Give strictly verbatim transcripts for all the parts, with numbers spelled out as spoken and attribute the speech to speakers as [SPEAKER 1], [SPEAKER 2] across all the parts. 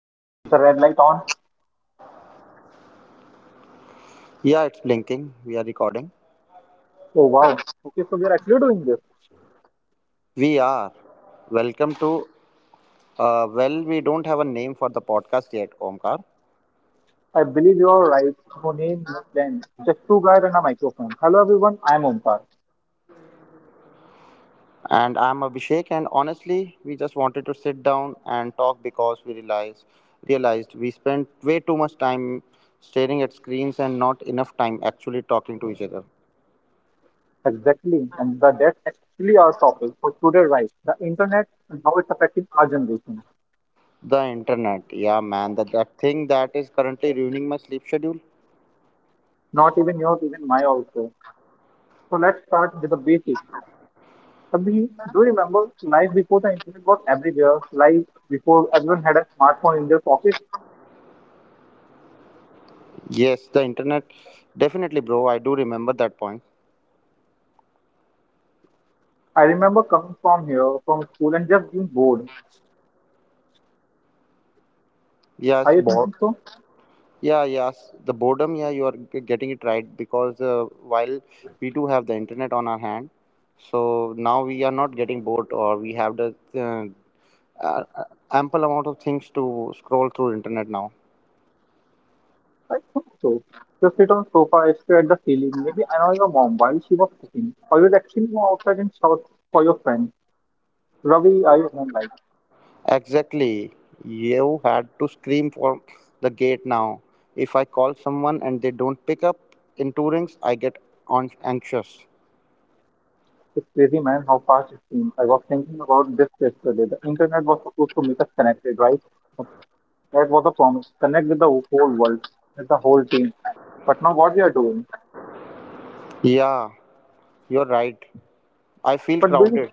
[SPEAKER 1] Okay, is the red light on?
[SPEAKER 2] Yeah, it's blinking. We are recording.
[SPEAKER 1] Oh wow. Okay, so we are actually doing this.
[SPEAKER 2] We are. Welcome to. Uh, well, we don't have a name for the podcast yet, Omkar.
[SPEAKER 1] I believe you are right. No name, no plan. Just two guys and a microphone. Hello everyone, I'm Omkar.
[SPEAKER 2] And I'm Abhishek. And honestly, we just wanted to sit down and talk because we realized realized we spent way too much time staring at screens and not enough time actually talking to each other.
[SPEAKER 1] Exactly, and the, that's actually our topic for today, right? The internet and how it's affecting our generation.
[SPEAKER 2] The internet, yeah, man, that that thing that is currently ruining my sleep schedule.
[SPEAKER 1] Not even yours, even my also. So let's start with the basics. Abhi, do you remember life before the internet was everywhere? Life before everyone had a smartphone in their pocket?
[SPEAKER 2] Yes, the internet, definitely, bro. I do remember that point.
[SPEAKER 1] I remember coming from here, from school, and just being bored.
[SPEAKER 2] Yes,
[SPEAKER 1] Are you
[SPEAKER 2] bro.
[SPEAKER 1] thinking so?
[SPEAKER 2] Yeah, yes, the boredom. Yeah, you are g- getting it right because uh, while we do have the internet on our hand, so now we are not getting bored, or we have the uh, uh, ample amount of things to scroll through internet now.
[SPEAKER 1] I thought so. You sit on sofa, stare at the ceiling, maybe annoy your mom while she was cooking, or you'd actually go outside and shout for your friend. Ravi, I own life.
[SPEAKER 2] Exactly, you had to scream for the gate now. If I call someone and they don't pick up in two rings, I get on- anxious.
[SPEAKER 1] It's crazy, man, how fast it seems. I was thinking about this yesterday. The internet was supposed to make us connected, right? That was a promise. Connect with the whole world, with the whole team. But now what we are doing.
[SPEAKER 2] Yeah, you're right. I feel
[SPEAKER 1] But do you,
[SPEAKER 2] crowded.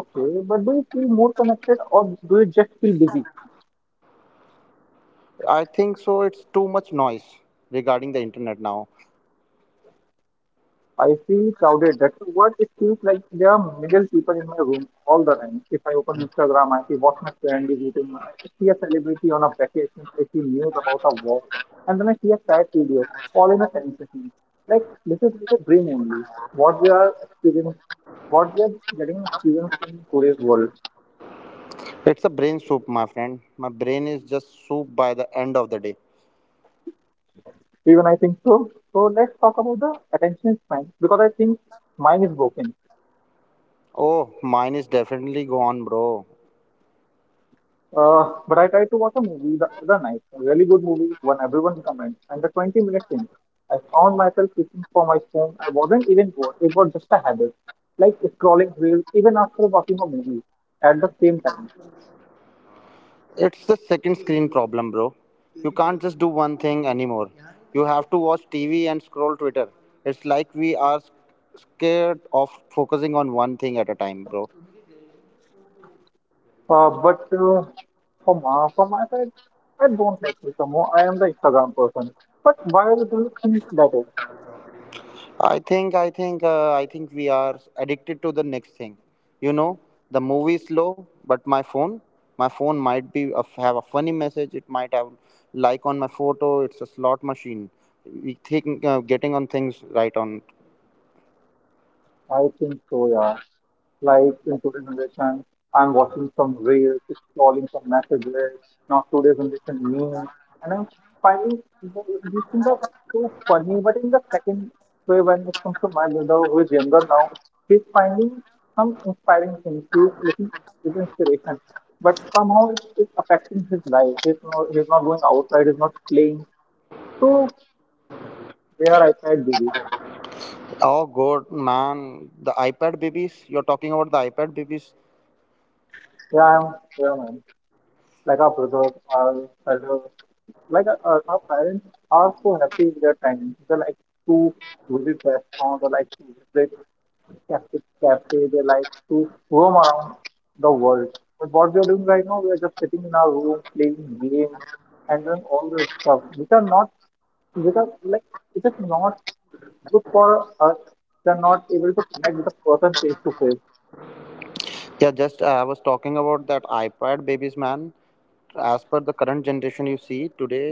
[SPEAKER 1] okay, but do you feel more connected or do you just feel busy?
[SPEAKER 2] I think so. It's too much noise regarding the internet now.
[SPEAKER 1] I feel crowded. That's the word. It feels like there are million people in my room all the time. If I open Instagram, I see what my friend is eating. I see a celebrity on a vacation. I see news about a war. And then I see a cat video, all in a ten seconds. Like, this is like a dream only. What we are experiencing, what we are getting experienced in today's world.
[SPEAKER 2] It's a brain soup, my friend. My brain is just soup by the end of the day.
[SPEAKER 1] Even I think so. So let's talk about the attention span because I think mine is broken.
[SPEAKER 2] Oh, mine is definitely gone, bro.
[SPEAKER 1] Uh, but I tried to watch a movie the other night, a really good movie, one everyone recommends, and the twenty minutes in, I found myself reaching for my phone. I wasn't even bored, it was just a habit, like scrolling reels even after watching a movie at the same time.
[SPEAKER 2] It's the second screen problem, bro. You can't just do one thing anymore. You have to watch T V and scroll Twitter. It's like we are scared of focusing on one thing at a time, bro.
[SPEAKER 1] Uh, but uh, for, my, for my side, I don't like to more. I am the Instagram person. But why do you think that is?
[SPEAKER 2] I think I think uh, I think we are addicted to the next thing. You know, the movie is slow, but my phone, my phone might be a, have a funny message. It might have like on my photo. It's a slot machine. We think uh, getting on things right on.
[SPEAKER 1] I think so, yeah. Like in today's generation, I'm watching some reels, scrolling some messages, now today's generation memes, and I'm finding th- these things are so funny. But in the second way, when it comes to my brother who is younger now, he's finding some inspiring things. He's looking his inspiration, but somehow it's, it's affecting his life. He's not, he's not going outside. He's not playing. So where I tried busy.
[SPEAKER 2] Oh God, man, the iPad babies. You're talking about the iPad babies.
[SPEAKER 1] Yeah, I'm, yeah, man, like our brothers, our elders, like uh, uh, our parents are so happy with their time. They like to visit restaurants, they like to visit cafe, cafe, they like to roam around the world. But what we are doing right now, we are just sitting in our room playing games and doing all this stuff, which are not, which are like, it is not good for us. They are not able to connect with a person face to face,
[SPEAKER 2] Yeah, just uh, I was talking about that iPad babies, man. As per the current generation you see today,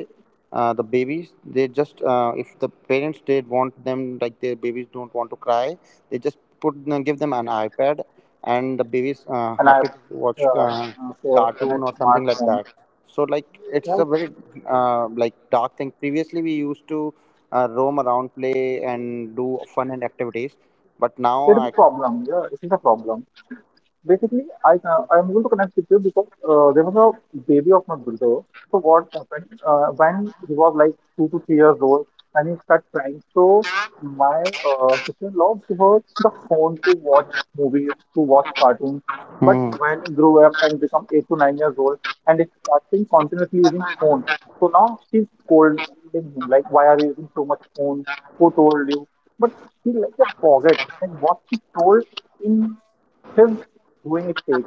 [SPEAKER 2] uh, the babies, they just uh, if the parents they want them, like, their babies don't want to cry, they just put give them an iPad, and the babies uh,
[SPEAKER 1] and I
[SPEAKER 2] happy to watch
[SPEAKER 1] uh,
[SPEAKER 2] uh,
[SPEAKER 1] uh, for a
[SPEAKER 2] cartoon or something like
[SPEAKER 1] smartphone.
[SPEAKER 2] that. So, like, it's
[SPEAKER 1] Right?
[SPEAKER 2] a very uh, like dark thing. Previously we used to uh, roam around, play and do fun and activities, but now
[SPEAKER 1] It's
[SPEAKER 2] I.
[SPEAKER 1] a problem. Yeah, it is a problem. Basically, I can, I'm able to connect with you because uh, there was a baby of my bulldog. So what happened uh, when he was like two to three years old and he started crying. So my uh, sister-in-law gave her the phone to watch movies, to watch cartoons. But
[SPEAKER 2] Hmm.
[SPEAKER 1] when he grew up and become eight to nine years old and is starting continuously using phone, so now she's scolding him like, why are you using so much phone? Who told you? But she like just forget like what she told in his doing it fake.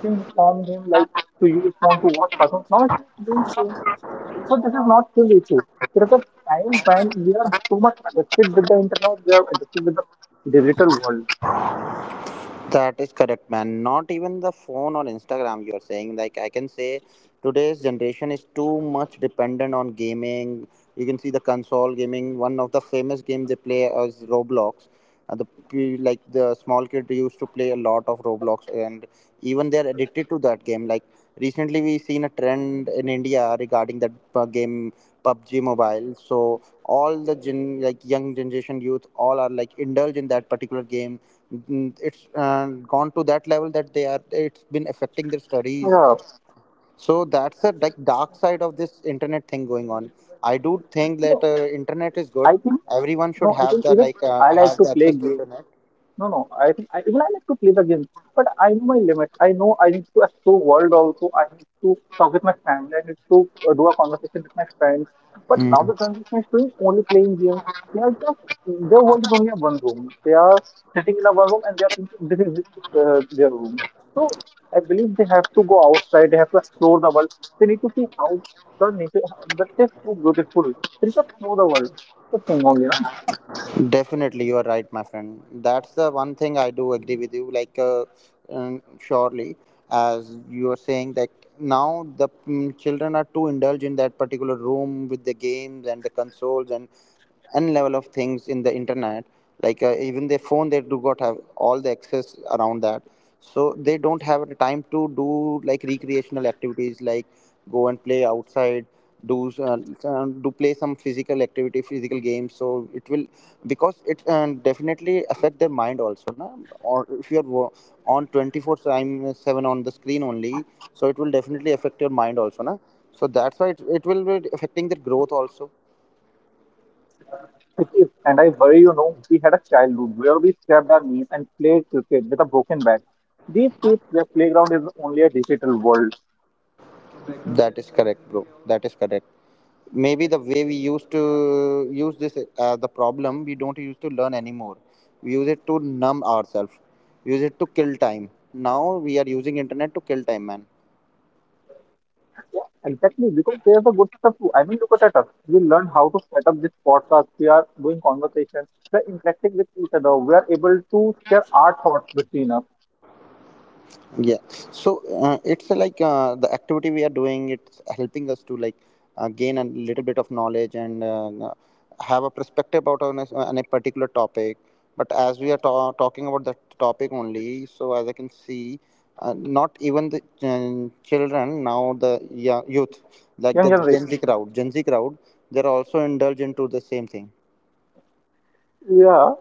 [SPEAKER 1] She informed him like, "Do you want to watch cartoons?" No, it's not doing so. So this is not his issue. There is a time when we are too much addicted with the internet. We are addicted with the digital world.
[SPEAKER 2] That is correct, man. Not even the phone or Instagram, you're saying. Like, I can say today's generation is too much dependent on gaming. You can see the console gaming. One of the famous game they play is Roblox. Uh, the p- like, the small kid used to play a lot of Roblox, and even they're addicted to that game. Like recently, we seen a trend in India regarding that uh, game pub g Mobile. So all the gen like young generation youth all are like indulge in that particular game. Mm, it's uh, Gone to that level that they are, it's been affecting their studies.
[SPEAKER 1] Yeah.
[SPEAKER 2] So that's a like dark side of this internet thing going on. I do think that
[SPEAKER 1] No,
[SPEAKER 2] uh, internet is good.
[SPEAKER 1] I think
[SPEAKER 2] Everyone should
[SPEAKER 1] no. I
[SPEAKER 2] have
[SPEAKER 1] think
[SPEAKER 2] the
[SPEAKER 1] even
[SPEAKER 2] like uh,
[SPEAKER 1] I like
[SPEAKER 2] have
[SPEAKER 1] to
[SPEAKER 2] the
[SPEAKER 1] play
[SPEAKER 2] access to
[SPEAKER 1] games.
[SPEAKER 2] internet.
[SPEAKER 1] No, no. I think I, even I like to play the game, but I know my limit. I know I need to explore world also. I need to talk with my family. I need to uh, do a conversation with my friends. But now the
[SPEAKER 2] Mm.
[SPEAKER 1] generation is doing only playing games. They are just their world is only a one room. They are sitting in a one room and they are thinking this is this is, uh, their room. So I believe they have to go outside. They have to explore the world. They need to see how the nature, how, that is so beautiful. They should know the world. The thing only, na?
[SPEAKER 2] Definitely you are right, my friend. That's the one thing I do agree with you, like uh, um, surely. As you are saying that, now the mm, children are too indulged in that particular room with the games and the consoles and n level of things in the internet. Like uh, even their phone, they do not have all the access around that, so they don't have the time to do like recreational activities, like go and play outside, do s- uh, uh, do play some physical activity, physical games. So it will, because it uh, definitely affect their mind also, na? Or if you are wo- on twenty-four time uh, seven on the screen only, so it will definitely affect your mind also, na? So that's why it, it will be affecting their growth also.
[SPEAKER 1] It is, and I worry, you know, we had a childhood where we scraped our knees and played cricket with a broken bat. These kids, their playground is only a digital world.
[SPEAKER 2] That is correct, bro. That is correct. Maybe the way we used to use this as the problem, we don't use to learn anymore. We use it to numb ourselves, use it to kill time. Now we are using internet to kill time, man.
[SPEAKER 1] Exactly, because there's the good stuff too. I mean, look at us. We learn how to set up this podcast. We are doing conversations. We're interacting with each other. We are able to share our thoughts between us.
[SPEAKER 2] Yeah, so uh, it's uh, like uh, the activity we are doing, it's helping us to like uh, gain a little bit of knowledge and uh, uh, have a perspective about on a, on a particular topic. But as we are ta- talking about that topic only, so as I can see, uh, not even the um, children, now the, yeah, youth, like
[SPEAKER 1] Young
[SPEAKER 2] the gen
[SPEAKER 1] generation.
[SPEAKER 2] z crowd gen z crowd they're also indulged into the same thing.
[SPEAKER 1] Yeah.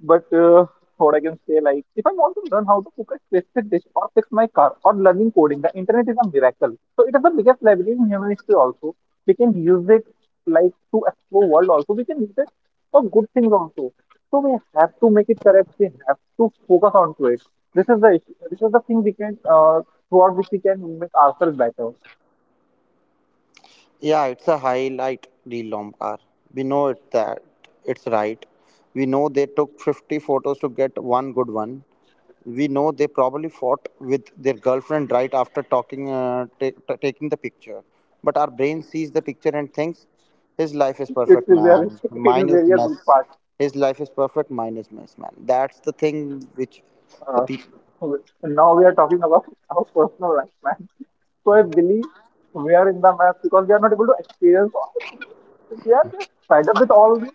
[SPEAKER 1] But uh, what I can say, like, if I want to learn how to cook a specific dish or fix my car or learning coding, the internet is a miracle. So it is the biggest library in human history. Also, we can use it like to explore world. Also, we can use it for good things also. So we have to make it correct. We have to focus on to it. This is the issue. This is the thing we can uh, throughout which we can make ourselves better.
[SPEAKER 2] Yeah, it's a highlight reel long car. We know it that it's right. We know they took fifty photos to get one good one. We know they probably fought with their girlfriend right after talking, uh, ta ta- taking the picture. But our brain sees the picture and thinks, his life is
[SPEAKER 1] It
[SPEAKER 2] perfect,
[SPEAKER 1] is very,
[SPEAKER 2] man.
[SPEAKER 1] it
[SPEAKER 2] Mine
[SPEAKER 1] is
[SPEAKER 2] is
[SPEAKER 1] very a
[SPEAKER 2] mess.
[SPEAKER 1] good part.
[SPEAKER 2] His life is perfect. Mine is mess, man. That's the thing which the
[SPEAKER 1] Uh,
[SPEAKER 2] people.
[SPEAKER 1] now we are talking about our personal life, man. So I believe we are in the mess because we are not able to experience all the things. So, we are just fed up with all this.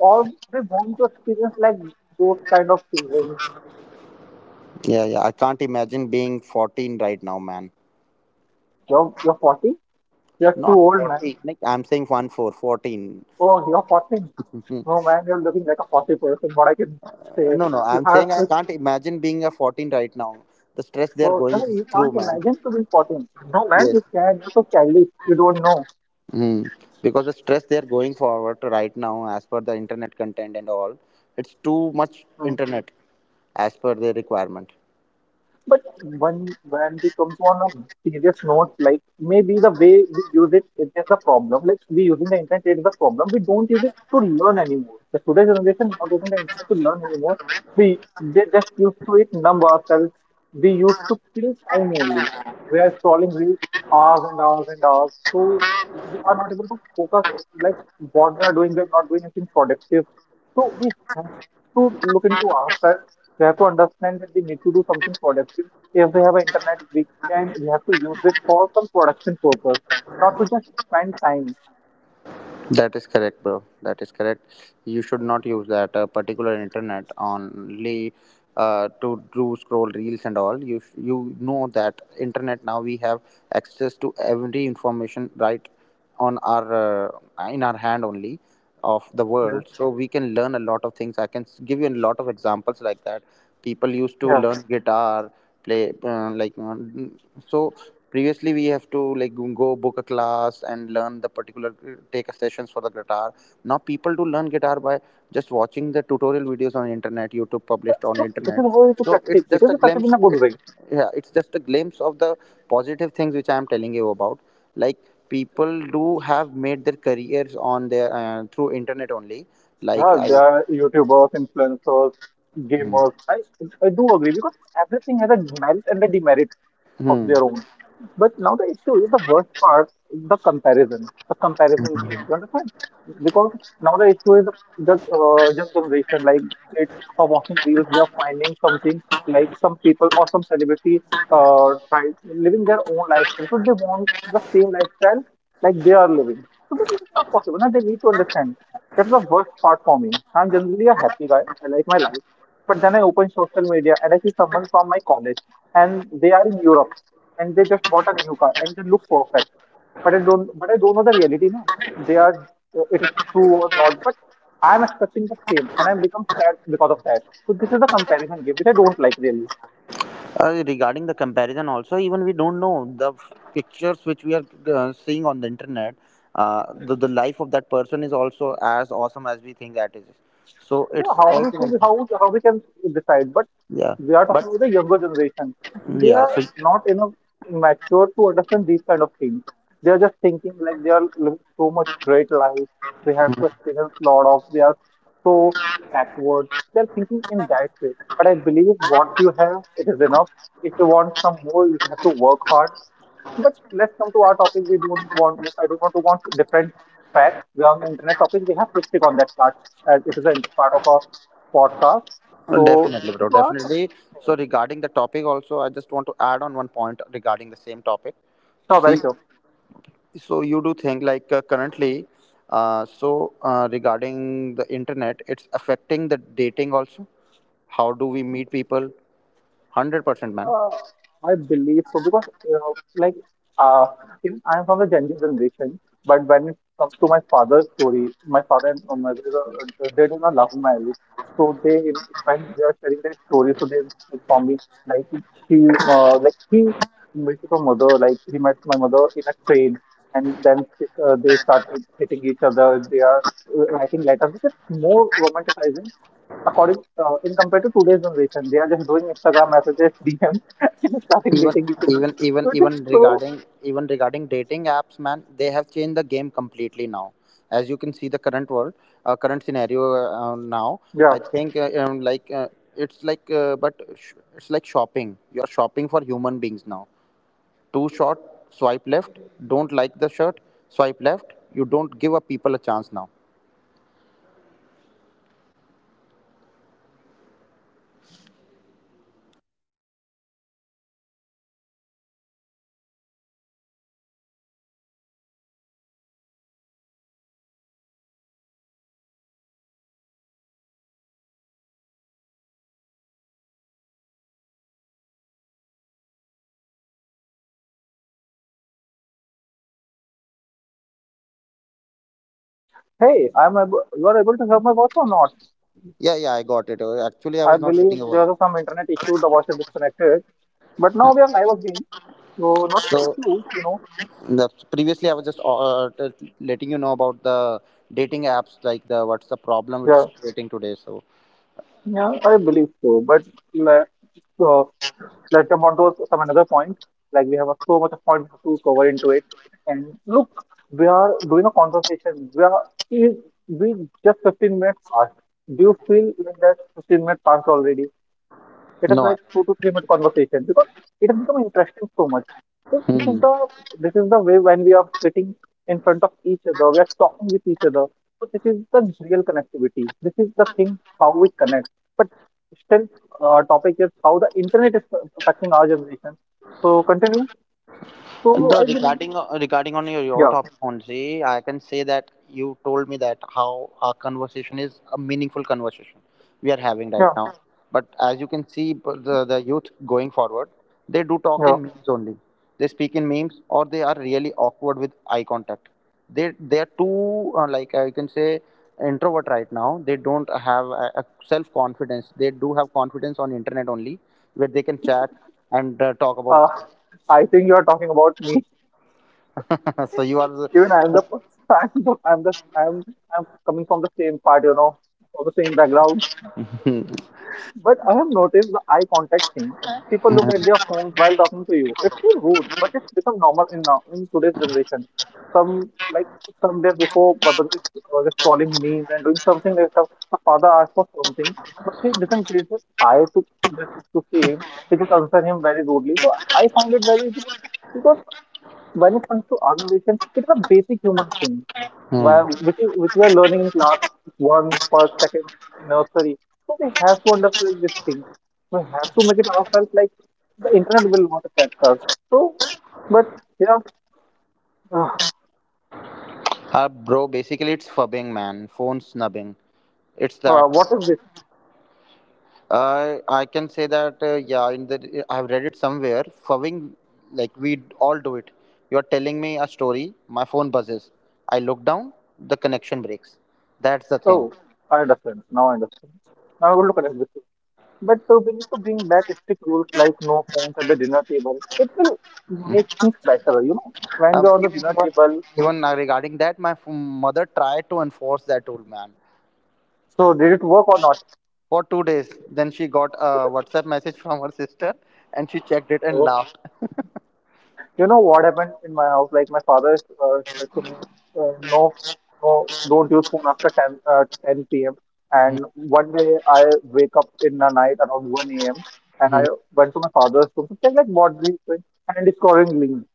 [SPEAKER 1] All they want to experience like those kind of children.
[SPEAKER 2] Yeah, yeah, I can't imagine being fourteen right now, man.
[SPEAKER 1] You're, you're forty, you're too
[SPEAKER 2] Not
[SPEAKER 1] old, man.
[SPEAKER 2] forty. Like, I'm saying one four, fourteen.
[SPEAKER 1] Oh, you're forty. No, man, you're looking like a forty person. What I can say,
[SPEAKER 2] No, no,
[SPEAKER 1] you
[SPEAKER 2] I'm saying
[SPEAKER 1] have
[SPEAKER 2] I
[SPEAKER 1] to.
[SPEAKER 2] can't imagine being a fourteen right now. The stress they're
[SPEAKER 1] Oh,
[SPEAKER 2] going
[SPEAKER 1] you
[SPEAKER 2] through,
[SPEAKER 1] can't
[SPEAKER 2] man.
[SPEAKER 1] imagine to be forty. No, man,
[SPEAKER 2] Yes.
[SPEAKER 1] you can. You're so childish. You don't know.
[SPEAKER 2] Hmm. Because the stress they're going forward to right now, as per the internet content and all, it's too much
[SPEAKER 1] Hmm.
[SPEAKER 2] internet as per their requirement.
[SPEAKER 1] But when when we comes on a serious note, like maybe the way we use it, it is the problem. Like we using the internet, it is the problem. We don't use it to learn anymore. The today's generation is not using the internet to learn anymore. We they just used to it numb ourselves. We used to kill time only. We are scrolling reels hours and hours and hours. So we are not able to focus like what we are doing. We are not doing anything productive. So we have to look into ourselves, we have to understand that we need to do something productive. If we have an internet, we can we have to use it for some production purpose, not to just spend time.
[SPEAKER 2] That is correct, bro. That is correct. You should not use that uh, particular internet only uh, to do scroll reels and all. You sh- you know that internet now we have access to every information right on our uh, in our hand only of the
[SPEAKER 1] Yeah.
[SPEAKER 2] world. So we can learn a lot of things. I can s- give you a lot of examples like that. People used to
[SPEAKER 1] Yeah.
[SPEAKER 2] learn guitar, play uh, like uh, so previously we have to like go book a class and learn the particular, take a sessions for the guitar. Now people do learn guitar by just watching the tutorial videos on internet, youtube published on
[SPEAKER 1] So this is
[SPEAKER 2] internet.
[SPEAKER 1] a way to
[SPEAKER 2] So it's
[SPEAKER 1] practice. It
[SPEAKER 2] just
[SPEAKER 1] is
[SPEAKER 2] a
[SPEAKER 1] a practice in
[SPEAKER 2] glimpse
[SPEAKER 1] a good
[SPEAKER 2] it,
[SPEAKER 1] way.
[SPEAKER 2] yeah, it's just a glimpse of the positive things which I am telling you about. Like, people do have made their careers on their uh, through internet only, like
[SPEAKER 1] Yeah,
[SPEAKER 2] I.
[SPEAKER 1] there are YouTubers, influencers,
[SPEAKER 2] Mhm.
[SPEAKER 1] gamers. I I do agree because everything has a merit and a demerit of
[SPEAKER 2] Hmm.
[SPEAKER 1] their own. But now the issue is the worst part, is the comparison, the comparison game. You understand? Because now the issue is the uh, young generation, like kids are watching reels, they are finding something like some people or some celebrities uh, try living their own lifestyle. So they want the same lifestyle like they are living. So, but it is not possible. Now they need to understand. That's the worst part for me. I'm generally a happy guy. I like my life. But then I open social media and I see someone from my college and they are in Europe and they just bought a new car and they look perfect. But I don't, but I don't know the reality, no. They are, it is true or not, but I'm expecting the same and I'm become sad because of that. So this is the comparison game, which I don't like really.
[SPEAKER 2] Uh, regarding the comparison, also, even we don't know the f- pictures which we are uh, seeing on the internet. Uh, the, the life of that person is also as awesome as we think that is. So
[SPEAKER 1] Yeah,
[SPEAKER 2] it's
[SPEAKER 1] how many
[SPEAKER 2] also one.
[SPEAKER 1] should
[SPEAKER 2] thing.
[SPEAKER 1] how, how we can decide, but
[SPEAKER 2] Yeah,
[SPEAKER 1] we are talking
[SPEAKER 2] but
[SPEAKER 1] about the younger generation. They
[SPEAKER 2] yeah,
[SPEAKER 1] are
[SPEAKER 2] so
[SPEAKER 1] not enough mature to understand these kind of things. They are just thinking like they are living so much great life. They have to experience lot of, they are so backward. They are thinking in that way. But I believe what you have, it is enough. If you want some more, you have to work hard. But let's come to our topic. We don't want, I don't want to want different track. We are on the internet topic. We have to stick on that part as it is a part of our podcast.
[SPEAKER 2] Mm,
[SPEAKER 1] So,
[SPEAKER 2] definitely,
[SPEAKER 1] it's
[SPEAKER 2] bro,
[SPEAKER 1] to us.
[SPEAKER 2] definitely.
[SPEAKER 1] Yeah.
[SPEAKER 2] So regarding the topic, also, I just want to add on one point regarding the same topic.
[SPEAKER 1] Sure, very
[SPEAKER 2] See,
[SPEAKER 1] sure.
[SPEAKER 2] so you do think like uh, currently, uh, so uh, regarding the internet, it's affecting the dating also. How do we meet people? Hundred percent, man.
[SPEAKER 1] Uh, I believe so because uh, like uh, even I am from the Gen Z generation, but when it comes to my father's story, my father and uh, my mother uh, they did not love marriage, so they when they are sharing their story, so they inform me like she uh, like he met her mother, like he met my mother in a train, and then uh, they started hitting each other. They are uh, writing letters, which is more romanticizing according uh, in compared to today's generation, they are just doing Instagram messages, D Ms, and starting
[SPEAKER 2] Even
[SPEAKER 1] dating each other.
[SPEAKER 2] even even
[SPEAKER 1] So it is
[SPEAKER 2] even
[SPEAKER 1] so,
[SPEAKER 2] regarding even regarding dating apps, man, they have changed the game completely now. As you can see, the current world, uh, current scenario uh, now,
[SPEAKER 1] yeah.
[SPEAKER 2] I think uh, um, like uh, it's like uh, but sh- it's like shopping. You are shopping for human beings now. Too short, swipe left. Don't like the shirt, swipe left. You don't give a people a chance now.
[SPEAKER 1] Hey, I'm able, you are able to serve my boss or not?
[SPEAKER 2] Yeah, yeah, I got it. Uh, Actually, I was
[SPEAKER 1] I
[SPEAKER 2] not getting
[SPEAKER 1] believe
[SPEAKER 2] over.
[SPEAKER 1] there was some internet issue. The voice is disconnected, but now we are live again, so not an
[SPEAKER 2] So
[SPEAKER 1] issue, you know.
[SPEAKER 2] the previously I was just uh, uh, t- letting you know about the dating apps, like, the what's the problem it's
[SPEAKER 1] Yeah,
[SPEAKER 2] creating today, so.
[SPEAKER 1] yeah, I believe so. But like, uh, let's jump on to some another point. Like we have a- so much of points to cover into it. And look, we are doing a conversation. We are is we just fifteen minutes past. Do you feel like that fifteen minutes passed already? It is
[SPEAKER 2] No I-
[SPEAKER 1] like two to three minute conversation because it has become interesting so much. So this is
[SPEAKER 2] Hmm.
[SPEAKER 1] the this is the way when we are sitting in front of each other, we are talking with each other. So this is the real connectivity. This is the thing how we connect. But still, our topic is how the internet is affecting our generation. So continue. So
[SPEAKER 2] Though
[SPEAKER 1] I believe,
[SPEAKER 2] regarding uh, regarding on your, your
[SPEAKER 1] yeah,
[SPEAKER 2] topic only, I can say that you told me that how our conversation is a meaningful conversation we are having right
[SPEAKER 1] yeah,
[SPEAKER 2] now. But as you can see, b- the, the youth going forward, they do talk
[SPEAKER 1] yeah.
[SPEAKER 2] in memes only. They speak in memes, or they are really awkward with eye contact. They they are too uh, like uh, you can say introvert right now. They don't have a, a self confidence. They do have confidence on internet only, where they can chat and uh, talk
[SPEAKER 1] Uh,
[SPEAKER 2] about.
[SPEAKER 1] I think you are talking about me.
[SPEAKER 2] So you are. The,
[SPEAKER 1] Even I am the, I'm the, I'm the, I'm, I'm coming from the same part, you know, from the same background. But I have noticed the eye contact thing. People look at their phones while talking to you. It's so rude, but it's become normal in now in today's generation. Some like some days before my brother is- was calling me and doing something like that. My father asked for something, but he doesn't raise his eye to just to see him. He just answer him very rudely. So I found it very rude because when it comes to our it's a basic human thing
[SPEAKER 2] Hmm.
[SPEAKER 1] well, which is, which we are learning in class one, first, second in nursery. So we have to understand this thing. We have to make it ourselves like the internet will not affect us. So, but yeah, uh,
[SPEAKER 2] Uh, bro, basically it's fubbing, man. Phone snubbing. It's
[SPEAKER 1] uh,
[SPEAKER 2] that.
[SPEAKER 1] what is this?
[SPEAKER 2] Uh, I can say that. Uh, yeah, in the I've read it somewhere. Fubbing, like we all do it. You're telling me a story. My phone buzzes. I look down. The connection breaks. That's the thing.
[SPEAKER 1] Oh, I understand now. I understand. Now I will look at it this everything. But uh, we need to bring back strict rules like no phones at the dinner table. It will make
[SPEAKER 2] Mm.
[SPEAKER 1] things better, you know. When
[SPEAKER 2] Uh,
[SPEAKER 1] we're on the
[SPEAKER 2] even
[SPEAKER 1] dinner table,
[SPEAKER 2] even uh, Regarding that, my f- mother tried to enforce that rule, man,
[SPEAKER 1] so did it work or not?
[SPEAKER 2] for two days. Then she got a WhatsApp message from her sister, and she checked it and
[SPEAKER 1] So
[SPEAKER 2] laughed.
[SPEAKER 1] you know what happened in my house? Like my father uh, said to me, uh, "No, no, don't use phone after ten, uh, ten p m" And one day I wake up in the night around one a m and I went to my father's room to check like what he's doing, and he's scrolling link.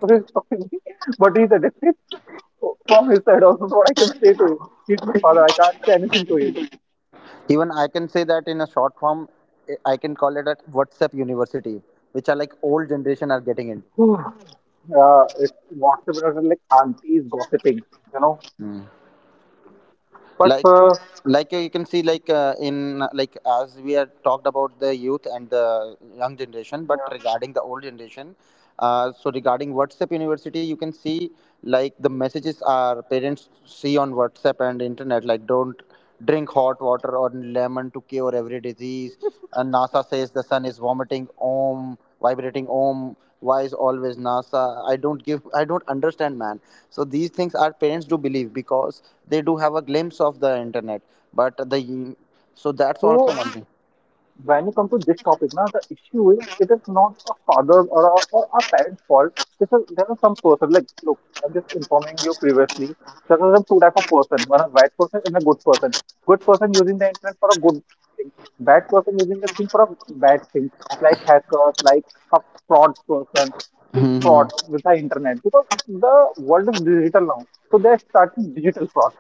[SPEAKER 1] So he's talking, to me, but he's addicted from his side also. So what I can say to him, he's my father. I can't say anything to him.
[SPEAKER 2] Even I can say that in a short form, I can call it a whatsapp university, which are like old generation are getting into.
[SPEAKER 1] Whew, uh, it's WhatsApp and like aunties gossiping, you know.
[SPEAKER 2] Hmm.
[SPEAKER 1] But
[SPEAKER 2] like
[SPEAKER 1] uh,
[SPEAKER 2] like uh, you can see, like uh, in uh, like as we had talked about the youth and the young generation, but
[SPEAKER 1] yeah.
[SPEAKER 2] regarding the old generation. Uh, so regarding WhatsApp University, you can see, like, the messages our parents see on WhatsApp and internet, like don't drink hot water or lemon to cure every disease, and NASA says the sun is vomiting om, vibrating om. Why is always NASA? i don't give I don't understand, man. So these things our parents do believe, because they do have a glimpse of the internet, but the so that's also
[SPEAKER 1] So
[SPEAKER 2] one thing.
[SPEAKER 1] when you come to this topic now the issue is it is not a father or a, or a parent's fault. This is, there are some person like look, I'm just informing you previously, there are two type of person, one is bad person and a good person. Good person using the internet for a good thing, bad person using the thing for a bad thing, like hackers, like a fraud person who fraud with the internet because the world is digital now, so they're starting digital fraud.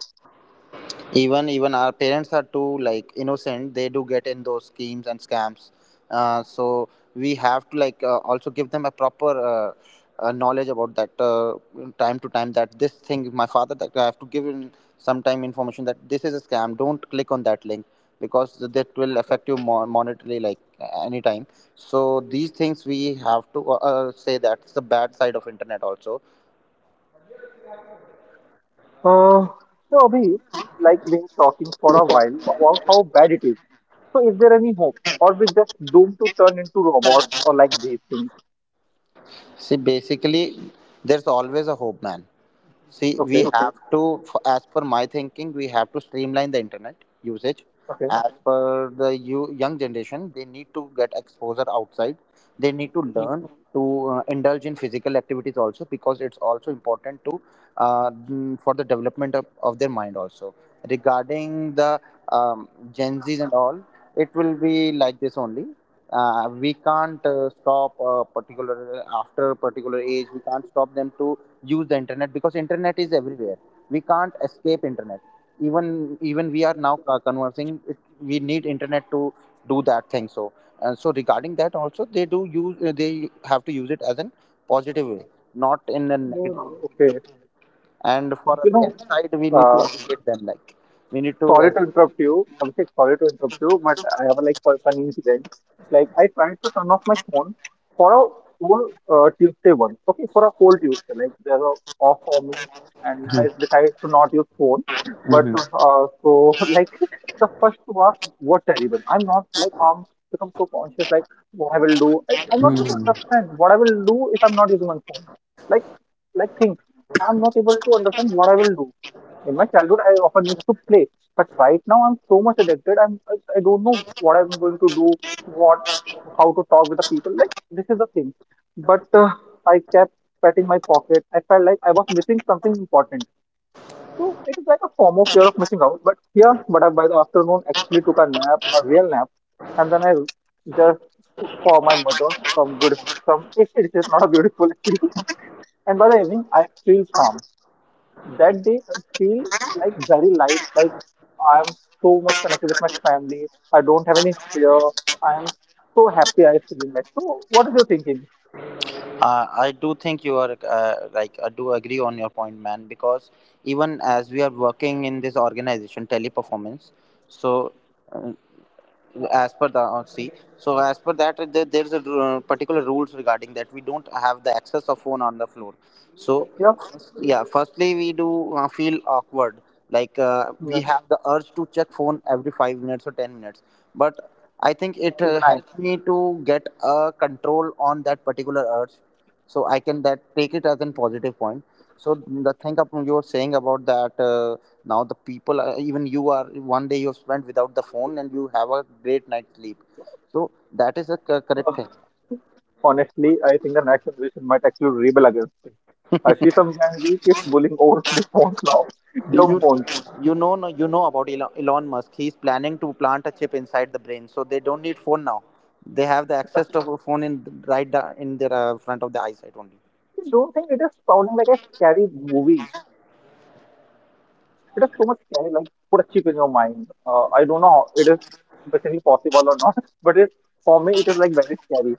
[SPEAKER 2] Even even our parents are too, like, innocent. They do get in those schemes and scams. Uh, so we have to, like, uh, also give them a proper uh, uh, knowledge about that, uh, time to time that this thing my father that I have to give him sometime information, that this is a scam. Don't click on that link, because that will affect you mo- monetarily, like, anytime. So these things we have to, uh, uh, say, that's the bad side of internet also.
[SPEAKER 1] uh, so Abhi, like been talking for a while about how bad it is. So is there any hope? Or we just doomed to turn into robots or like these things?
[SPEAKER 2] See, basically there's always a hope, man. See, we,
[SPEAKER 1] Okay,
[SPEAKER 2] okay, have to, f- as per my thinking, we have to streamline the internet usage.
[SPEAKER 1] okay.
[SPEAKER 2] As, mhm, per the you, young generation, they need to get exposure outside. They need to
[SPEAKER 1] Mm.
[SPEAKER 2] learn to uh, indulge in physical activities also, because it's also important to, uh, mm, for the development of, of their mind also. Regarding the um, Gen Zs and all, it will be like this only. Uh, we can't uh, stop a particular, after a particular age, we can't stop them to use the internet, because internet is everywhere. We can't escape internet. Even even we are now uh, conversing it, we need internet to do that thing. So and so regarding that also, they do use, uh, they have to use it as an positive way, not in a
[SPEAKER 1] No,
[SPEAKER 2] negative.
[SPEAKER 1] no. Okay.
[SPEAKER 2] And for a
[SPEAKER 1] You know,
[SPEAKER 2] parent side, we need to
[SPEAKER 1] uh,
[SPEAKER 2] educate them, like, we need to
[SPEAKER 1] sorry to interrupt you. Abhishek, sorry to interrupt you, but I have a like fu- funny incident. Like I tried to turn off my phone for a whole uh, Tuesday once. Okay, for a whole Tuesday. Like there's a off for me, and I decided to not use phone. But
[SPEAKER 2] educate.
[SPEAKER 1] uh, so like the first two hours were terrible. I'm not like um become so conscious like what I will do. I, I'm not able to understand what I will do if I'm not using my phone. Like like think I'm not able to understand what I will do. In my childhood, I often used to play, but right now I'm so much addicted. I'm I, I don't know what I'm going to do, what how to talk with the people. Like this is the thing. But uh, I kept patting my pocket. I felt like I was missing something important. So it is like a form of fear of missing out. But yeah, but I, by the afternoon actually took a nap, a real nap, and then I just cooked for my mother some good some it's, it's not a beautiful actually. And by the evening, I feel calm. That day I feel like very light, like I'm so much connected with my family. I don't have any fear. I am so happy I feel like. So what is your thinking?
[SPEAKER 2] Uh, I do think you are, uh, like, I do agree on your point, man. Because even as we are working in this organization, Teleperformance, so, uh, as per the, uh, see, so as per that, uh, there, there's a uh, particular rules regarding that we don't have the access of phone on the floor, so
[SPEAKER 1] Yeah,
[SPEAKER 2] yeah, firstly we do uh, feel awkward, like, uh, we
[SPEAKER 1] yeah.
[SPEAKER 2] have the urge to check phone every five minutes or ten minutes. But I think it uh,
[SPEAKER 1] Even I,
[SPEAKER 2] helps me to get a control on that particular urge. So I can that take it as a positive point. So the thing up you're saying about that, uh, now the people are, even you are, one day you have spent without the phone and you have a great night sleep, so that is a co- correct thing.
[SPEAKER 1] Uh, honestly I think the next generation might actually rebel against it. I see some Gen Z kids bullying over flip phones now.
[SPEAKER 2] you
[SPEAKER 1] Dumb phones.
[SPEAKER 2] you know, no, you know about Elon, elon Musk, he's planning to plant a chip inside the brain, so they don't need phone now. They have the access to a phone in, right, da- in their, uh, front of the eyesight only.
[SPEAKER 1] I don't think it is sounding like a scary movie. It is so much scary, like put a chip in your mind. Uh, I don't know how it is basically possible or not, but it, for me, it is like very scary.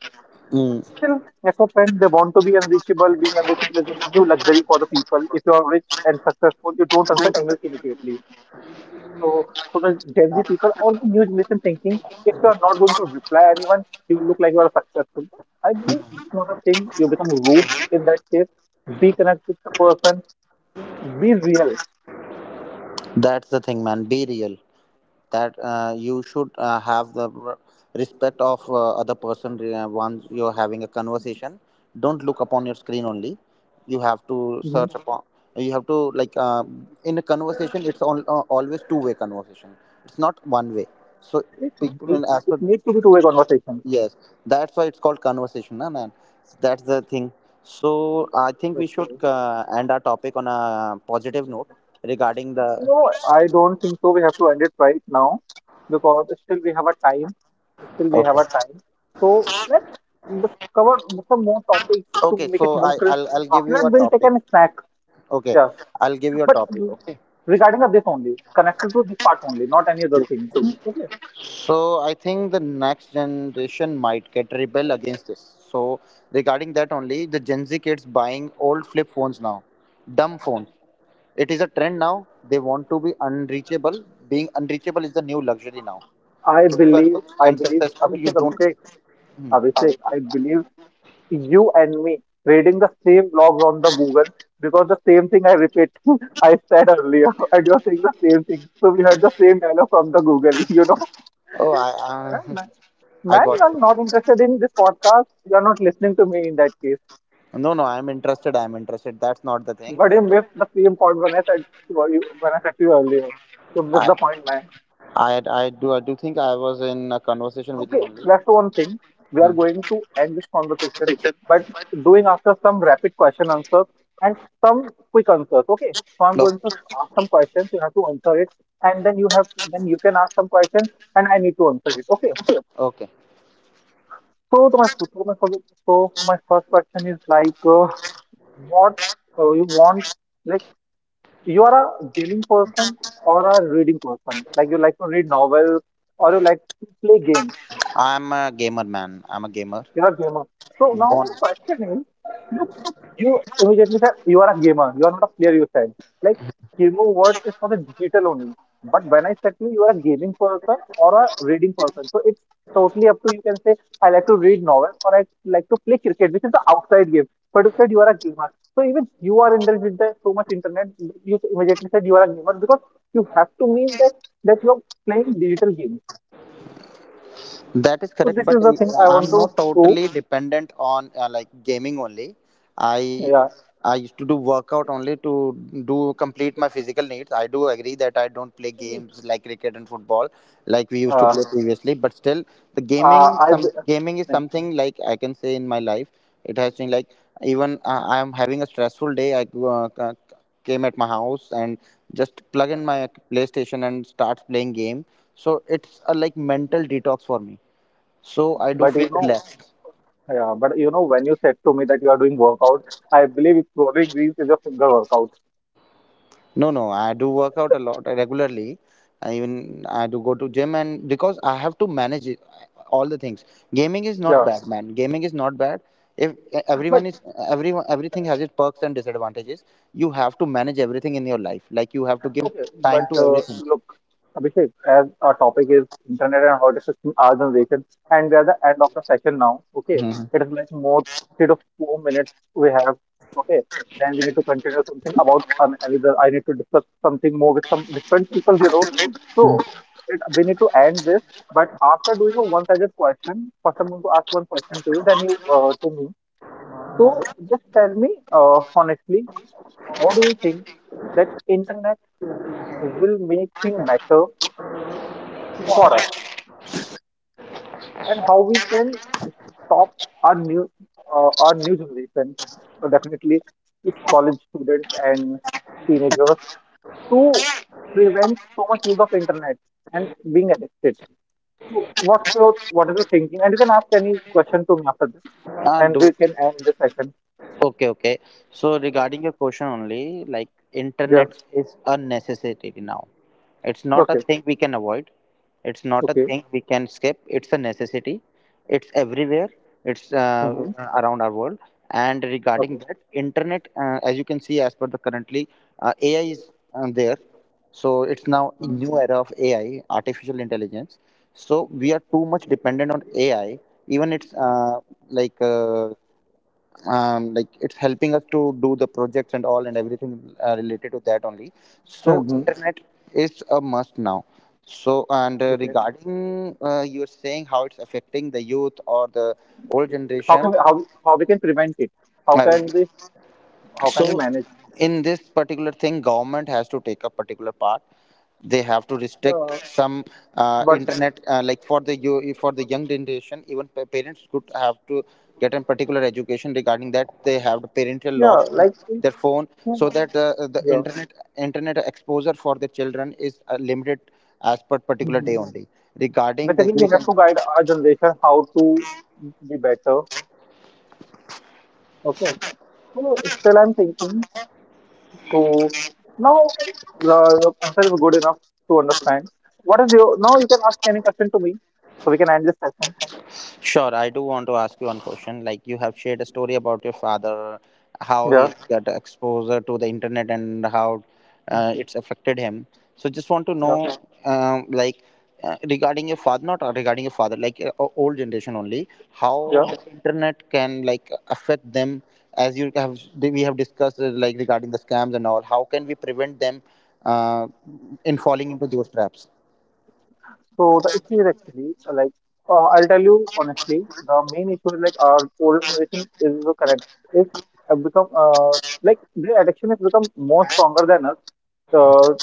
[SPEAKER 1] But
[SPEAKER 2] Mm.
[SPEAKER 1] still, as a friend, they want to be unreachable. Being unreachable is a new luxury for the people. If you are rich and successful, you don't answer emails immediately. So, so the Gen Z people, all the new generation thinking, if you are not going to reply anyone, you look like you are successful. But I believe it's not a thing. You become rude in that case. Be connected with the person. Be real.
[SPEAKER 2] That's the thing, man. Be real. That uh, you should uh, have the r- respect of uh, other person uh, once you're having a conversation. Don't look upon your screen only. You have to
[SPEAKER 1] Hmm.
[SPEAKER 2] search upon. You have to, like, uh, in a conversation it's all, uh, always two way conversation. It's not one way, so
[SPEAKER 1] It,
[SPEAKER 2] people
[SPEAKER 1] it,
[SPEAKER 2] in
[SPEAKER 1] it
[SPEAKER 2] aspect.
[SPEAKER 1] needs to be two-way conversation.
[SPEAKER 2] Yes, that's why it's called conversation, na, and that's the thing. So I think we should
[SPEAKER 1] Okay.
[SPEAKER 2] uh, end our topic on a positive note regarding the.
[SPEAKER 1] No, I don't think so. We have to end it right now because still we have a time. Still we have a
[SPEAKER 2] Okay,
[SPEAKER 1] time. So let's just cover some more topics to
[SPEAKER 2] okay,
[SPEAKER 1] make
[SPEAKER 2] so
[SPEAKER 1] it
[SPEAKER 2] i
[SPEAKER 1] more crisp.
[SPEAKER 2] i'll, I'll give
[SPEAKER 1] After
[SPEAKER 2] you
[SPEAKER 1] that,
[SPEAKER 2] a
[SPEAKER 1] we'll take
[SPEAKER 2] topic.
[SPEAKER 1] a snack.
[SPEAKER 2] Okay,
[SPEAKER 1] Yeah.
[SPEAKER 2] I'll give you a
[SPEAKER 1] But
[SPEAKER 2] topic. Okay,
[SPEAKER 1] regarding of this only, connected to this part only, not any other thing. Okay.
[SPEAKER 2] so I think the next generation might get rebel against this. So regarding that only, the Gen Z kids buying old flip phones now, dumb phones. It is a trend now. They want to be unreachable. Being unreachable is the new luxury now.
[SPEAKER 1] I
[SPEAKER 2] If you are
[SPEAKER 1] believe,
[SPEAKER 2] rich
[SPEAKER 1] I
[SPEAKER 2] and
[SPEAKER 1] believe,
[SPEAKER 2] successful, you
[SPEAKER 1] Abhishek,
[SPEAKER 2] don't.
[SPEAKER 1] Abhishek,
[SPEAKER 2] Hmm.
[SPEAKER 1] Abhishek, I believe you and me reading the same blogs on the Google, because the same thing I repeat I said earlier, and you're saying the same thing. So we heard the same dialogue from the Google, you know.
[SPEAKER 2] Oh, I,
[SPEAKER 1] Man,
[SPEAKER 2] I,
[SPEAKER 1] man,
[SPEAKER 2] I
[SPEAKER 1] man, you
[SPEAKER 2] got
[SPEAKER 1] are
[SPEAKER 2] you.
[SPEAKER 1] not interested in this podcast. You are not listening to me in that case.
[SPEAKER 2] No, no, I'm interested. I'm interested. That's not the thing.
[SPEAKER 1] But you missed the same point when I said to you when I said to you earlier. You missed
[SPEAKER 2] I,
[SPEAKER 1] the point, man.
[SPEAKER 2] I, I do, I do think I was in a conversation with you
[SPEAKER 1] Okay,
[SPEAKER 2] only.
[SPEAKER 1] that's one thing. We are
[SPEAKER 2] Hmm.
[SPEAKER 1] going to end this conversation,
[SPEAKER 2] Okay.
[SPEAKER 1] but doing after some rapid question answers and some quick answers. Okay, so I'm going to ask some questions. You have to answer it, and then you have then you can ask some questions, and I need to answer it. Okay.
[SPEAKER 2] Okay.
[SPEAKER 1] So to my so my first so my first question is like, uh, what uh, you want? Like you are a gaming person or a reading person? Like you like to read novels or you like to play games?
[SPEAKER 2] I'm a gamer, man. I'm a gamer.
[SPEAKER 1] You're a gamer. So now
[SPEAKER 2] Born.
[SPEAKER 1] my question is, look, you immediately said you are a gamer. You are not a player. You said like gamer word is for the digital only. But when I said to you, you are a gaming person or a reading person. So it's totally up to you. Can say I like to read novel or I like to play cricket, which is the outside game. But you said you are a gamer. So even you are indulged with the so much internet. You immediately said you are a gamer because you have to mean that that you are playing digital games.
[SPEAKER 2] That is
[SPEAKER 1] So
[SPEAKER 2] correct,
[SPEAKER 1] this
[SPEAKER 2] but
[SPEAKER 1] is the thing
[SPEAKER 2] uh,
[SPEAKER 1] I want
[SPEAKER 2] I'm
[SPEAKER 1] to
[SPEAKER 2] not
[SPEAKER 1] prove.
[SPEAKER 2] totally dependent on, uh, like, gaming only. I
[SPEAKER 1] Yeah.
[SPEAKER 2] I used to do workout only to do complete my physical needs. I do agree that I don't play games like cricket and football like we used to
[SPEAKER 1] Uh,
[SPEAKER 2] play previously, but still the
[SPEAKER 1] Uh,
[SPEAKER 2] gaming,
[SPEAKER 1] I,
[SPEAKER 2] some gaming is
[SPEAKER 1] b-
[SPEAKER 2] something, like, I can say in my life it has been like, even uh, I am having a stressful day. I go, uh, c- came at my house and just plug in my PlayStation and start playing game. So it's a like mental detox for me. So I do
[SPEAKER 1] but you
[SPEAKER 2] feel
[SPEAKER 1] know,
[SPEAKER 2] relaxed.
[SPEAKER 1] yeah, but you know, when you said to me that you are doing workout, I believe it's only Greece is a finger workout.
[SPEAKER 2] No, no, I do work out a lot regularly. I, even I do go to gym, and because I have to manage it, all the things. Gaming is not
[SPEAKER 1] Yeah,
[SPEAKER 2] bad, man. Gaming is not bad. If
[SPEAKER 1] but
[SPEAKER 2] everyone is everyone everything has its perks and disadvantages. You have to manage everything in your life. Like, you have to give
[SPEAKER 1] okay,
[SPEAKER 2] time
[SPEAKER 1] but
[SPEAKER 2] to
[SPEAKER 1] uh,
[SPEAKER 2] everything.
[SPEAKER 1] look, Abhishek, as our topic is internet and how it affects our generation, and we are the end of the session now. Okay,
[SPEAKER 2] Mhm.
[SPEAKER 1] it is like more three to four minutes we have. Okay, then we need to continue something about an- another. I need to discuss something more with some different people, you know. So it, we need to end this. But after doing a one-sided question, first I'm going to ask one question to you, then you uh, to me. So just tell me uh, honestly, how do you think that internet will make things better for us and how we can stop our new uh, our new generation, so definitely it's college students and teenagers, to prevent so much use of internet and being addicted. So what's your what is your thinking? And you can ask any question to me after this,
[SPEAKER 2] Ah, do
[SPEAKER 1] and we can end the session.
[SPEAKER 2] okay, okay. So regarding your question only, like,
[SPEAKER 1] Yeah.
[SPEAKER 2] internet is a necessity now. It's not a
[SPEAKER 1] Okay,
[SPEAKER 2] thing we can avoid. It's not a
[SPEAKER 1] okay.
[SPEAKER 2] thing we can skip. It's a necessity. It's everywhere. It's uh,
[SPEAKER 1] Mm-hmm.
[SPEAKER 2] around our world. And
[SPEAKER 1] Okay.
[SPEAKER 2] regarding that, internet, uh, as you can see, as per the currently, uh, A I is uh, there. So it's now a
[SPEAKER 1] Mm-hmm.
[SPEAKER 2] new era of A I, artificial intelligence. So we are too much dependent on A I. Even it's uh, like uh, um, like it's helping us to do the projects and all, and everything uh, related to that only, so
[SPEAKER 1] Mm-hmm.
[SPEAKER 2] internet is a must now. So and uh,
[SPEAKER 1] Okay.
[SPEAKER 2] regarding, uh, you're saying how it's affecting the youth or the old
[SPEAKER 1] how can
[SPEAKER 2] generation.
[SPEAKER 1] we, how how we can prevent it? How
[SPEAKER 2] uh,
[SPEAKER 1] can we, how can we
[SPEAKER 2] so
[SPEAKER 1] manage?
[SPEAKER 2] in this particular thing, government has to take a particular part. They have to restrict
[SPEAKER 1] Yeah,
[SPEAKER 2] some uh,
[SPEAKER 1] but
[SPEAKER 2] internet, uh, like, for the yo- for the young generation. Even pa- parents could have to get a particular education regarding that. They have the parental
[SPEAKER 1] yeah,
[SPEAKER 2] lock on
[SPEAKER 1] like in-
[SPEAKER 2] their phone
[SPEAKER 1] yeah,
[SPEAKER 2] so that uh, the
[SPEAKER 1] yeah.
[SPEAKER 2] internet internet exposure for the children is uh, limited, as per particular
[SPEAKER 1] Mhm.
[SPEAKER 2] day only, regarding the
[SPEAKER 1] Basically, we
[SPEAKER 2] youth.
[SPEAKER 1] have to guide our generation how to be better. Okay. So still, I'm thinking. So now, okay, the your answer is good enough to understand. What is your now? You can ask any question to me, so we can end this session.
[SPEAKER 2] Sure, I do want to ask you one question. Like, you have shared a story about your father, how he
[SPEAKER 1] Yeah,
[SPEAKER 2] got exposure to the internet, and how uh, it's affected him. So just want to
[SPEAKER 1] yeah,
[SPEAKER 2] know, um, like, uh, regarding your father, not uh, regarding your father, like, uh, o- old generation only, how
[SPEAKER 1] yeah.
[SPEAKER 2] the internet can, like, affect them. As you have, we have discussed, uh, like, regarding the scams and all. How can we prevent them, uh, in falling into those traps?
[SPEAKER 1] So the issue is actually uh, like uh, I'll tell you honestly, the main issue is like our old generation is the correct is have become uh, like their addiction has become more stronger than us uh,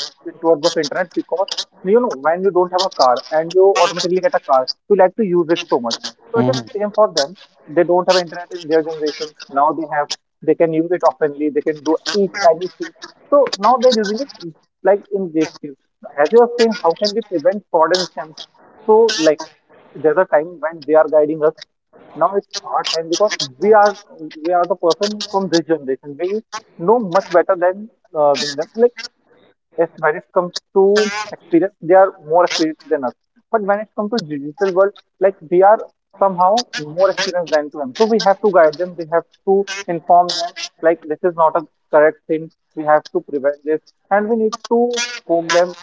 [SPEAKER 1] towards of internet, because you know, when you don't have a car and you automatically get a car, you like to use it so much. So it is
[SPEAKER 2] Hmm.
[SPEAKER 1] same for them. They don't have internet in their generation. Now they have. They can use it oftenly. They can do each anything. So now they're using it like in these fields. As you are saying, how can we prevent fraud and scams? So like there's a time when they are guiding us, now it's our time, because we are we are the person from this generation. We know much better than uh, than them. Like yes, when it comes to experience, they are more experienced than us. But when it comes to digital world, like we are somehow more experienced than to them. So we have to guide them. We have to inform them. Like this is not a correct thing. We have to prevent this, and we need to poke them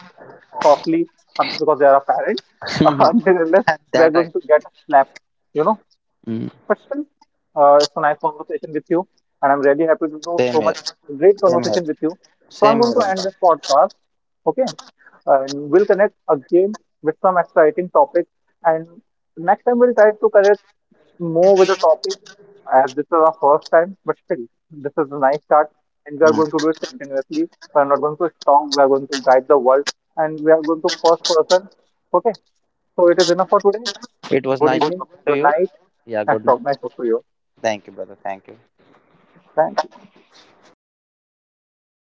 [SPEAKER 1] softly uh, because they are our parents. Until unless we
[SPEAKER 2] That
[SPEAKER 1] are
[SPEAKER 2] I.
[SPEAKER 1] going to get slapped, you know,
[SPEAKER 2] Mhm.
[SPEAKER 1] question. Uh, it's a nice conversation with you, and I'm really happy to do
[SPEAKER 2] Same
[SPEAKER 1] so
[SPEAKER 2] here.
[SPEAKER 1] much great
[SPEAKER 2] Same here.
[SPEAKER 1] conversation with you. So I'm
[SPEAKER 2] Same
[SPEAKER 1] going
[SPEAKER 2] here,
[SPEAKER 1] to end
[SPEAKER 2] Omkar.
[SPEAKER 1] this podcast. Okay, and we'll connect again with some exciting topics. And next time we'll try to connect more with the topic, as this is our first time. But still, this is a nice start, and we are going to
[SPEAKER 2] Mm.
[SPEAKER 1] do it continuously. We are not going to stop. We are going to guide the world, and we are going to first person. Okay, so it is enough for today.
[SPEAKER 2] It was
[SPEAKER 1] Good
[SPEAKER 2] nice
[SPEAKER 1] evening.
[SPEAKER 2] talking to
[SPEAKER 1] Good
[SPEAKER 2] you.
[SPEAKER 1] night.
[SPEAKER 2] Yeah,
[SPEAKER 1] ま
[SPEAKER 2] good
[SPEAKER 1] たお会
[SPEAKER 2] night.
[SPEAKER 1] いしましょう。またお会いしましょう。またお会いしましょう。
[SPEAKER 2] Thank you, brother. Thank you.
[SPEAKER 1] Thank you.